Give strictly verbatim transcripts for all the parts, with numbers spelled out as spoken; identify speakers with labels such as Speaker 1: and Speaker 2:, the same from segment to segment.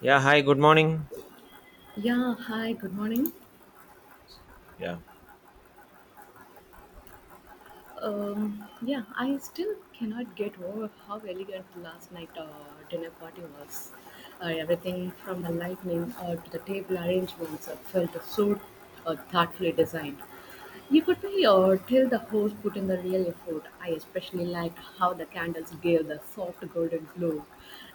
Speaker 1: Yeah, hi, good morning.
Speaker 2: Yeah, hi, good morning.
Speaker 1: Yeah.
Speaker 2: Um, yeah, I still cannot get over how elegant the last night uh, dinner party was. Uh, everything from the lighting uh, to the table arrangements uh, felt so uh, thoughtfully designed. You could be uh, tell the host put in the real effort. I especially liked how the candles gave the soft golden glow.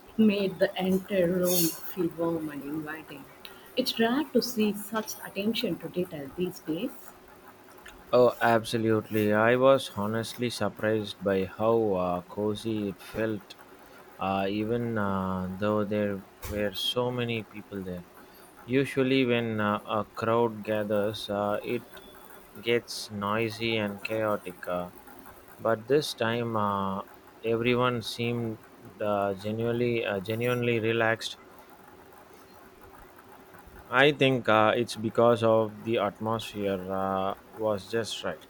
Speaker 2: It made the entire room feel warm and inviting. It's rare to see such attention to detail these days.
Speaker 1: Oh, absolutely. I was honestly surprised by how uh, cozy it felt, uh, even uh, though there were so many people there. Usually, when uh, a crowd gathers, uh, it gets noisy and chaotic, uh, but this time uh, everyone seemed uh, genuinely, uh, genuinely relaxed. I think uh, it's because of the atmosphere uh, was just right.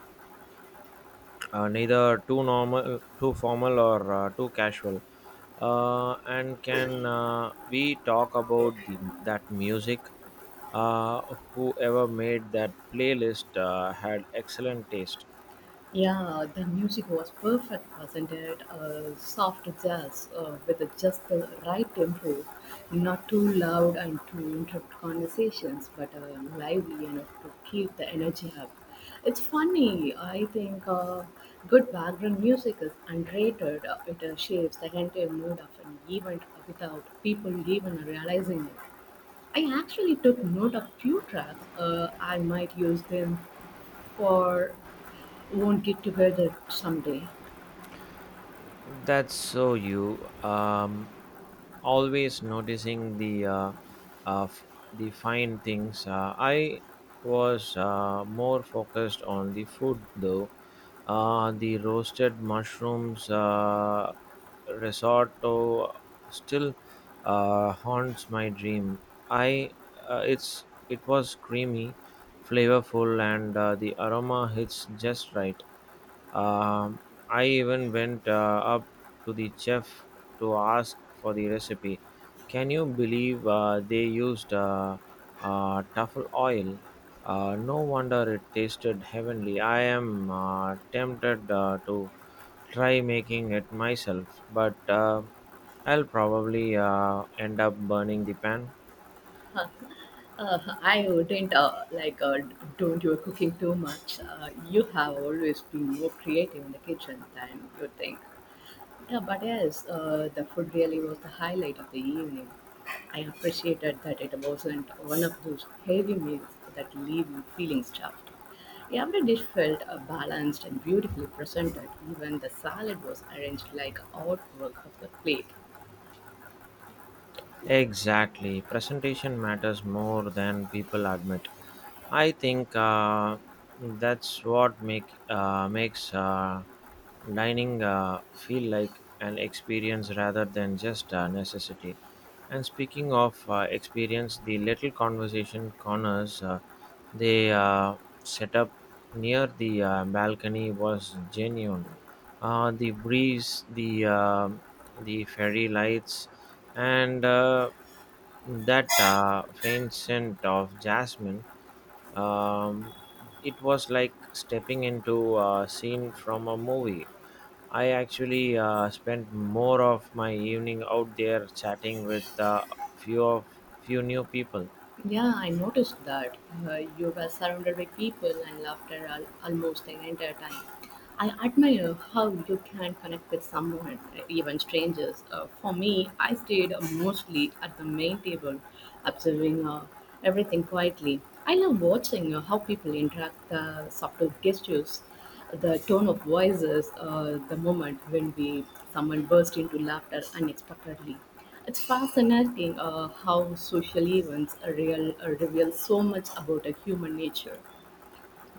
Speaker 1: uh, Neither too normal, too formal, or uh, too casual. Uh, and can uh, we talk about the that music? Uh, Whoever made that playlist uh, had excellent taste.
Speaker 2: Yeah, the music was perfect, wasn't it? Uh, soft jazz uh, with just the right tempo, not too loud and to interrupt conversations, but uh, lively enough to keep the energy up. It's funny, I think uh, good background music is underrated. Uh, It uh, shapes the entire mood of an event without people even realizing it. I actually took note of few tracks. Uh, I might use them for won't get together someday.
Speaker 1: That's so you. Um, always noticing the uh, uh, f- the fine things. Uh, I was uh, more focused on the food though. Uh, the roasted mushrooms uh, risotto still uh, haunts my dream. I uh, it's It was creamy, flavorful, and uh, the aroma hits just right. Um, I even went uh, up to the chef to ask for the recipe. Can you believe uh, they used uh, uh, truffle oil? Uh, no wonder it tasted heavenly. I am uh, tempted uh, to try making it myself, but uh, I'll probably uh, end up burning the pan.
Speaker 2: Uh, I wouldn't uh, like uh, don't you cooking too much. Uh, you have always been more creative in the kitchen than you think. Yeah, but yes, uh, the food really was the highlight of the evening. I appreciated that it wasn't one of those heavy meals that leave you feeling stuffed. Every dish felt uh, balanced and beautifully presented. Even the salad was arranged like artwork of the plate.
Speaker 1: Exactly. Presentation matters more than people admit. I think uh, that's what make uh, makes uh, dining uh, feel like an experience rather than just a necessity. And speaking of uh, experience, the little conversation corners uh, they uh, set up near the uh, balcony was genuine. Uh, the breeze, the um the fairy lights, and uh, that uh, faint scent of jasmine, um, it was like stepping into a scene from a movie. I actually uh, spent more of my evening out there chatting with uh, few of few new people.
Speaker 2: Yeah, I noticed that. Uh, you were surrounded by people and laughter al- almost the entire time. I admire how you can connect with someone, uh, even strangers. Uh, for me, I stayed uh, mostly at the main table, observing uh, everything quietly. I love watching uh, how people interact, the subtle gestures, the tone of voices, uh, the moment when we someone burst into laughter unexpectedly. It's fascinating uh, how social events are real, uh, reveal so much about a human nature.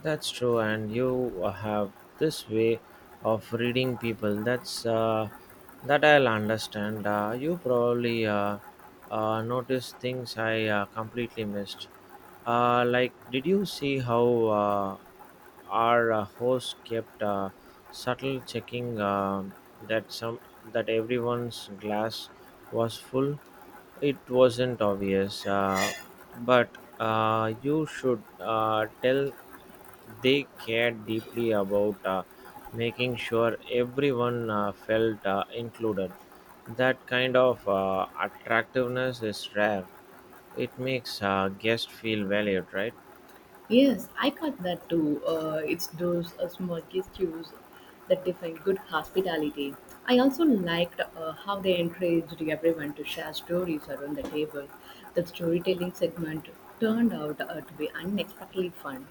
Speaker 1: That's true, and you uh, have this way of reading people that's uh, that I'll understand. Uh, you probably uh, uh, noticed things I uh, completely missed. Uh, like, did you see how uh, our uh, host kept uh, subtle checking uh, that some that everyone's glass was full? It wasn't obvious, uh, but uh, you should uh, tell they cared deeply about uh, making sure everyone uh, felt uh, included. That kind of uh, attractiveness is rare. It makes uh, guests feel valued, right?
Speaker 2: Yes, I caught that too. Uh, it's those uh, small gestures that define good hospitality. I also liked uh, how they encouraged everyone to share stories around the table. The storytelling segment turned out uh, to be unexpectedly fun.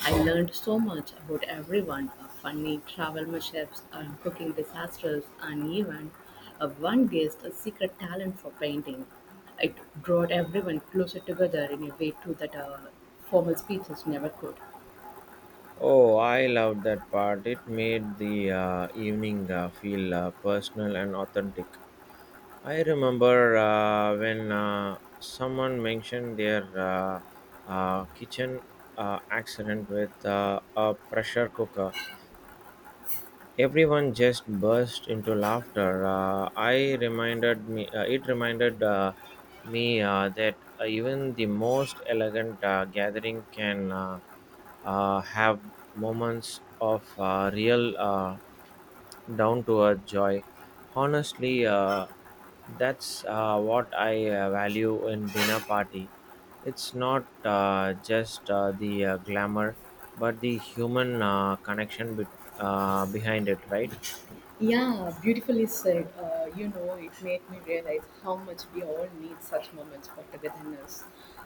Speaker 2: I learned so much about everyone uh, funny travel mishaps, uh, cooking disasters, and even uh, one guest a secret talent for painting. It brought everyone closer together in a way too that uh, formal speeches never could.
Speaker 1: Oh, I loved that part. It made the uh, evening uh, feel uh, personal and authentic. I remember uh, when uh, someone mentioned their uh, uh, kitchen uh, accident with uh, a pressure cooker. Everyone just burst into laughter. Uh, I reminded me. Uh, it reminded uh, me uh, that uh, even the most elegant uh, gathering can uh, uh, have moments of uh, real, uh, down-to-earth joy. Honestly, uh, that's uh, what I uh, value in dinner party. It's not uh, just uh, the uh, glamour, but the human uh, connection uh, behind it, right?
Speaker 2: Yeah, beautifully said. Uh, you know, it made me realize how much we all need such moments for togetherness.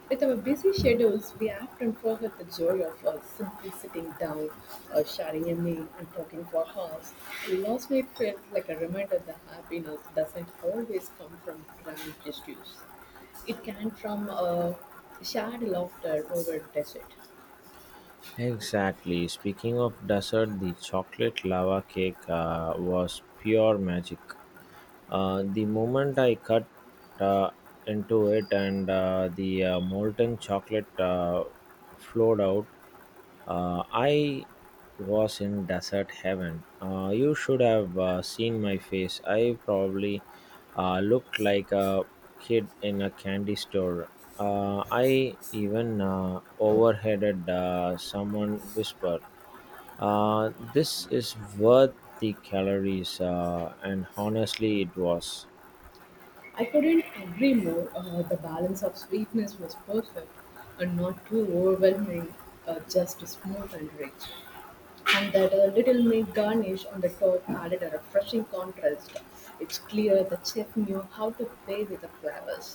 Speaker 2: With our busy schedules, we often forget the joy of uh, simply sitting down, uh, sharing a meal, and talking for hours. Last night felt like a reminder that happiness doesn't always come from grand gestures. It can from uh, shared laughter over dessert.
Speaker 1: Exactly. Speaking of dessert, the chocolate lava cake uh, was pure magic. Uh, the moment I cut uh, into it, and uh, the uh, molten chocolate uh, flowed out. Uh, I was in desert heaven. Uh, you should have uh, seen my face. I probably uh, looked like a kid in a candy store. Uh, I even uh, overheaded uh, someone whisper, uh, this is worth the calories, uh, and honestly, it was.
Speaker 2: I couldn't agree more. Uh, the balance of sweetness was perfect and not too overwhelming, uh, just smooth and rich. And that uh, little milk garnish on the top added a refreshing contrast. It's clear the chef knew how to play with the flavors.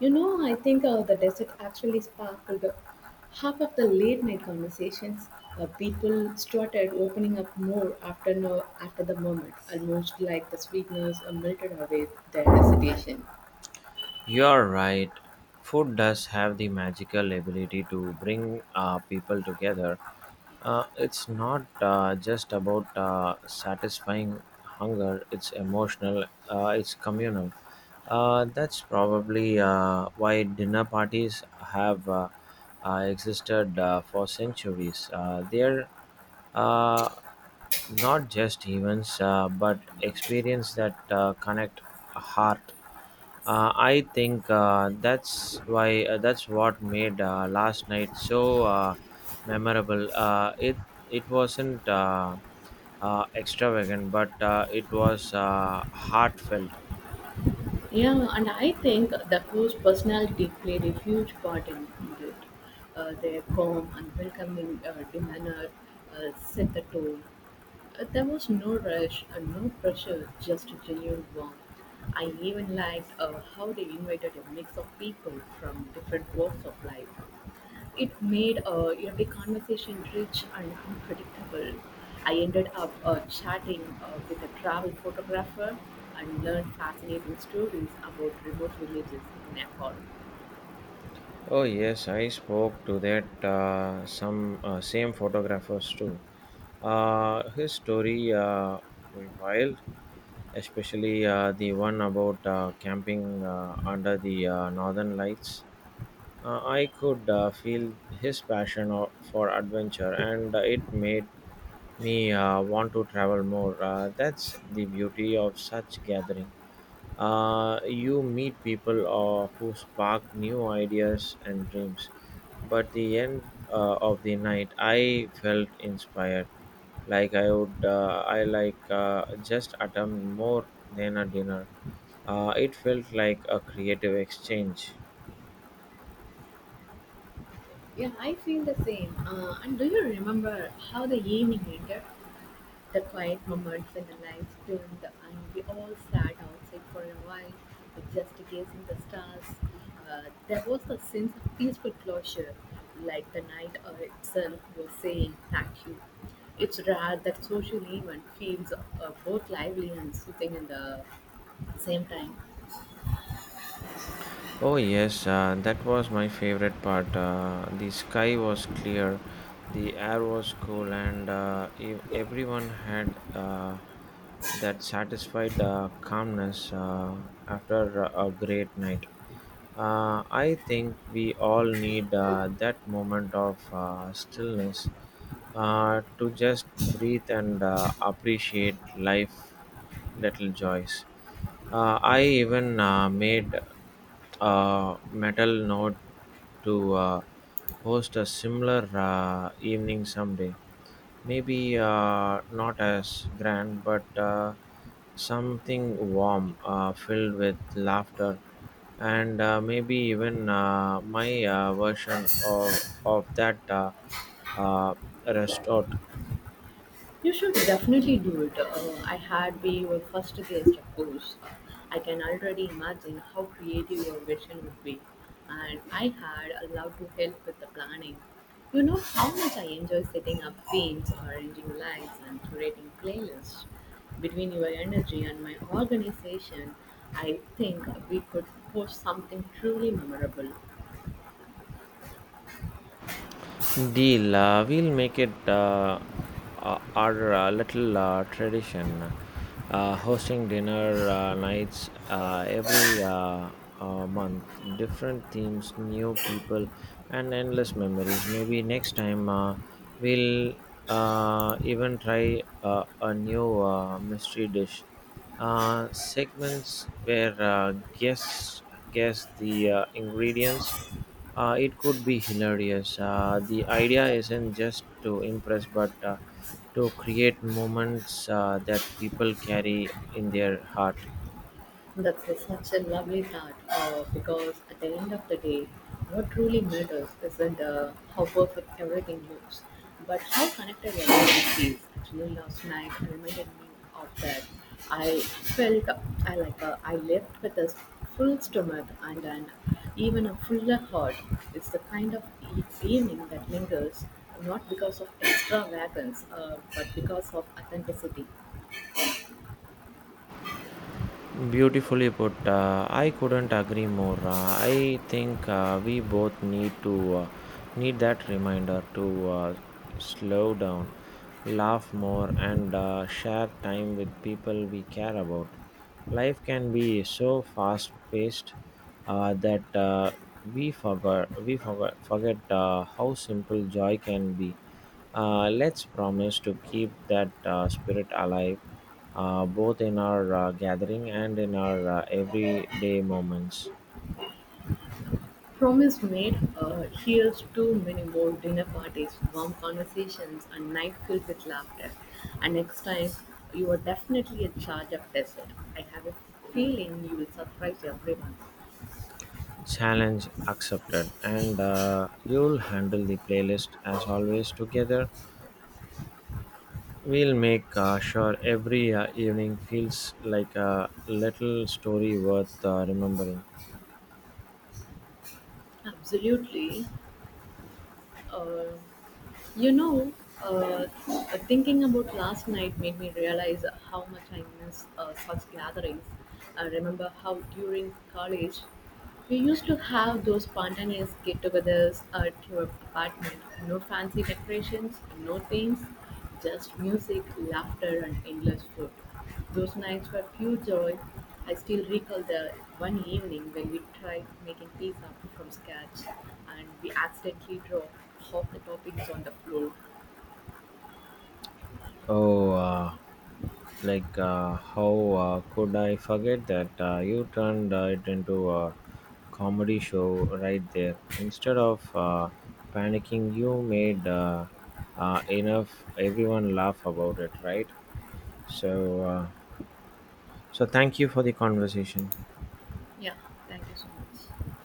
Speaker 2: You know, I think uh, the dessert actually sparkled half of the late night conversations. Uh, people started opening up more after, no, after the moment, almost like the sweetness uh, melted away their hesitation.
Speaker 1: You're right. Food does have the magical ability to bring uh, people together. Uh, it's not uh, just about uh, satisfying hunger, it's emotional, uh, it's communal. Uh, that's probably uh, why dinner parties have uh, uh, existed uh, for centuries. Uh, they're uh, not just events, uh, but experience that uh, connect a heart. Uh, I think uh, that's why uh, that's what made uh, last night so uh, memorable. Uh, it it wasn't uh, uh, extravagant, but uh, it was uh, heartfelt.
Speaker 2: Yeah, and I think the crew's personality played a huge part in it. Uh, their calm and welcoming uh, demeanor uh, set the tone. Uh, there was no rush and no pressure, just genuine warmth. I even liked uh, how they invited a mix of people from different walks of life. It made uh, every conversation rich and unpredictable. I ended up uh, chatting uh, with a travel photographer and learned fascinating stories about remote villages in Nepal.
Speaker 1: Oh yes, I spoke to that uh, some uh, same photographers too. Uh, his story uh, were wild, especially uh, the one about uh, camping uh, under the uh, northern lights. Uh, I could uh, feel his passion o- for adventure, and uh, it made me uh, want to travel more. Uh, that's the beauty of such gathering. Uh, you meet people uh, who spark new ideas and dreams. But the end uh, of the night, I felt inspired, like I would, uh, I like uh, just attempt more than a dinner. Uh, it felt like a creative exchange.
Speaker 2: Yeah, I feel the same. Uh, and do you remember how the evening ended? The quiet moments when the lights dimmed and we all sat outside for a while, uh, just gazing the stars, uh, there was a sense of peaceful closure, like the night uh, itself was saying thank you. It's rare that social event feels uh, both lively and soothing in the same time.
Speaker 1: Oh, yes, uh, that was my favorite part. Uh, the sky was clear, the air was cool, and uh, ev- everyone had uh, that satisfied uh, calmness uh, after a a great night. Uh, I think we all need uh, that moment of uh, stillness uh, to just breathe and uh, appreciate life little joys. Uh, I even uh, made uh, metal note to uh, host a similar uh, evening someday. Maybe uh, not as grand, but uh, something warm, uh, filled with laughter, and uh, maybe even uh, my uh, version of, of that uh, uh, restaurant.
Speaker 2: You should definitely do it. Uh, I had been your first guest, of course. Uh, I can already imagine how creative your vision would be, and I had allowed to help with the planning. You know how much I enjoy setting up themes, arranging lights, and curating playlists. Between your energy and my organization, I think we could host something truly memorable.
Speaker 1: Deal. Uh, we'll make it uh, uh, our uh, little uh, tradition, uh, hosting dinner uh, nights uh, every uh, uh, month. Different themes, new people, and endless memories. Maybe next time uh, we'll uh, even try uh, a new uh, mystery dish. Uh, segments where uh, guests guess the uh, ingredients. Uh, it could be hilarious. Uh, the idea isn't just to impress, but uh, to create moments uh, that people carry in their heart.
Speaker 2: That's a- such a lovely thought uh, because at the end of the day, what truly matters isn't uh, how perfect everything looks, but how connected everyone feels. Actually, last night reminded me of that. I felt I like uh, I left with a full stomach and an even a fuller heart. It's the kind of e- evening that lingers, not because of extravagance, uh, but because of authenticity.
Speaker 1: Beautifully put. Uh, I couldn't agree more. Uh, I think uh, we both need to uh, need that reminder to uh, slow down, laugh more, and uh, share time with people we care about. Life can be so fast-paced uh, that uh, we forgot we forgot forget uh, how simple joy can be. Uh, let's promise to keep that uh, spirit alive uh, both in our uh, gathering and in our uh, everyday moments.
Speaker 2: Promise made uh, here's too many more dinner parties, warm conversations, and night filled with laughter. And next time, you are definitely in charge of dessert. I have a feeling you will surprise everyone.
Speaker 1: Challenge accepted, and uh, you'll handle the playlist as always. Together, we'll make uh, sure every uh, evening feels like a little story worth uh, remembering.
Speaker 2: Absolutely. Uh, You know, uh, uh, thinking about last night made me realize how much I miss uh, such gatherings. I remember how during college we used to have those spontaneous get togethers at your apartment. No fancy decorations, no themes, just music, laughter, and endless food. Those nights were pure joy. I still recall the one evening when we tried making pizza from scratch and we accidentally dropped half the toppings on the floor.
Speaker 1: Oh, uh, like, uh, how uh, could I forget that? Uh, you turned uh, it into a comedy show right there. Instead of uh, panicking, you made uh, uh, enough everyone laugh about it, right? So, uh, so thank you for the conversation.
Speaker 2: Yeah, thank you so much.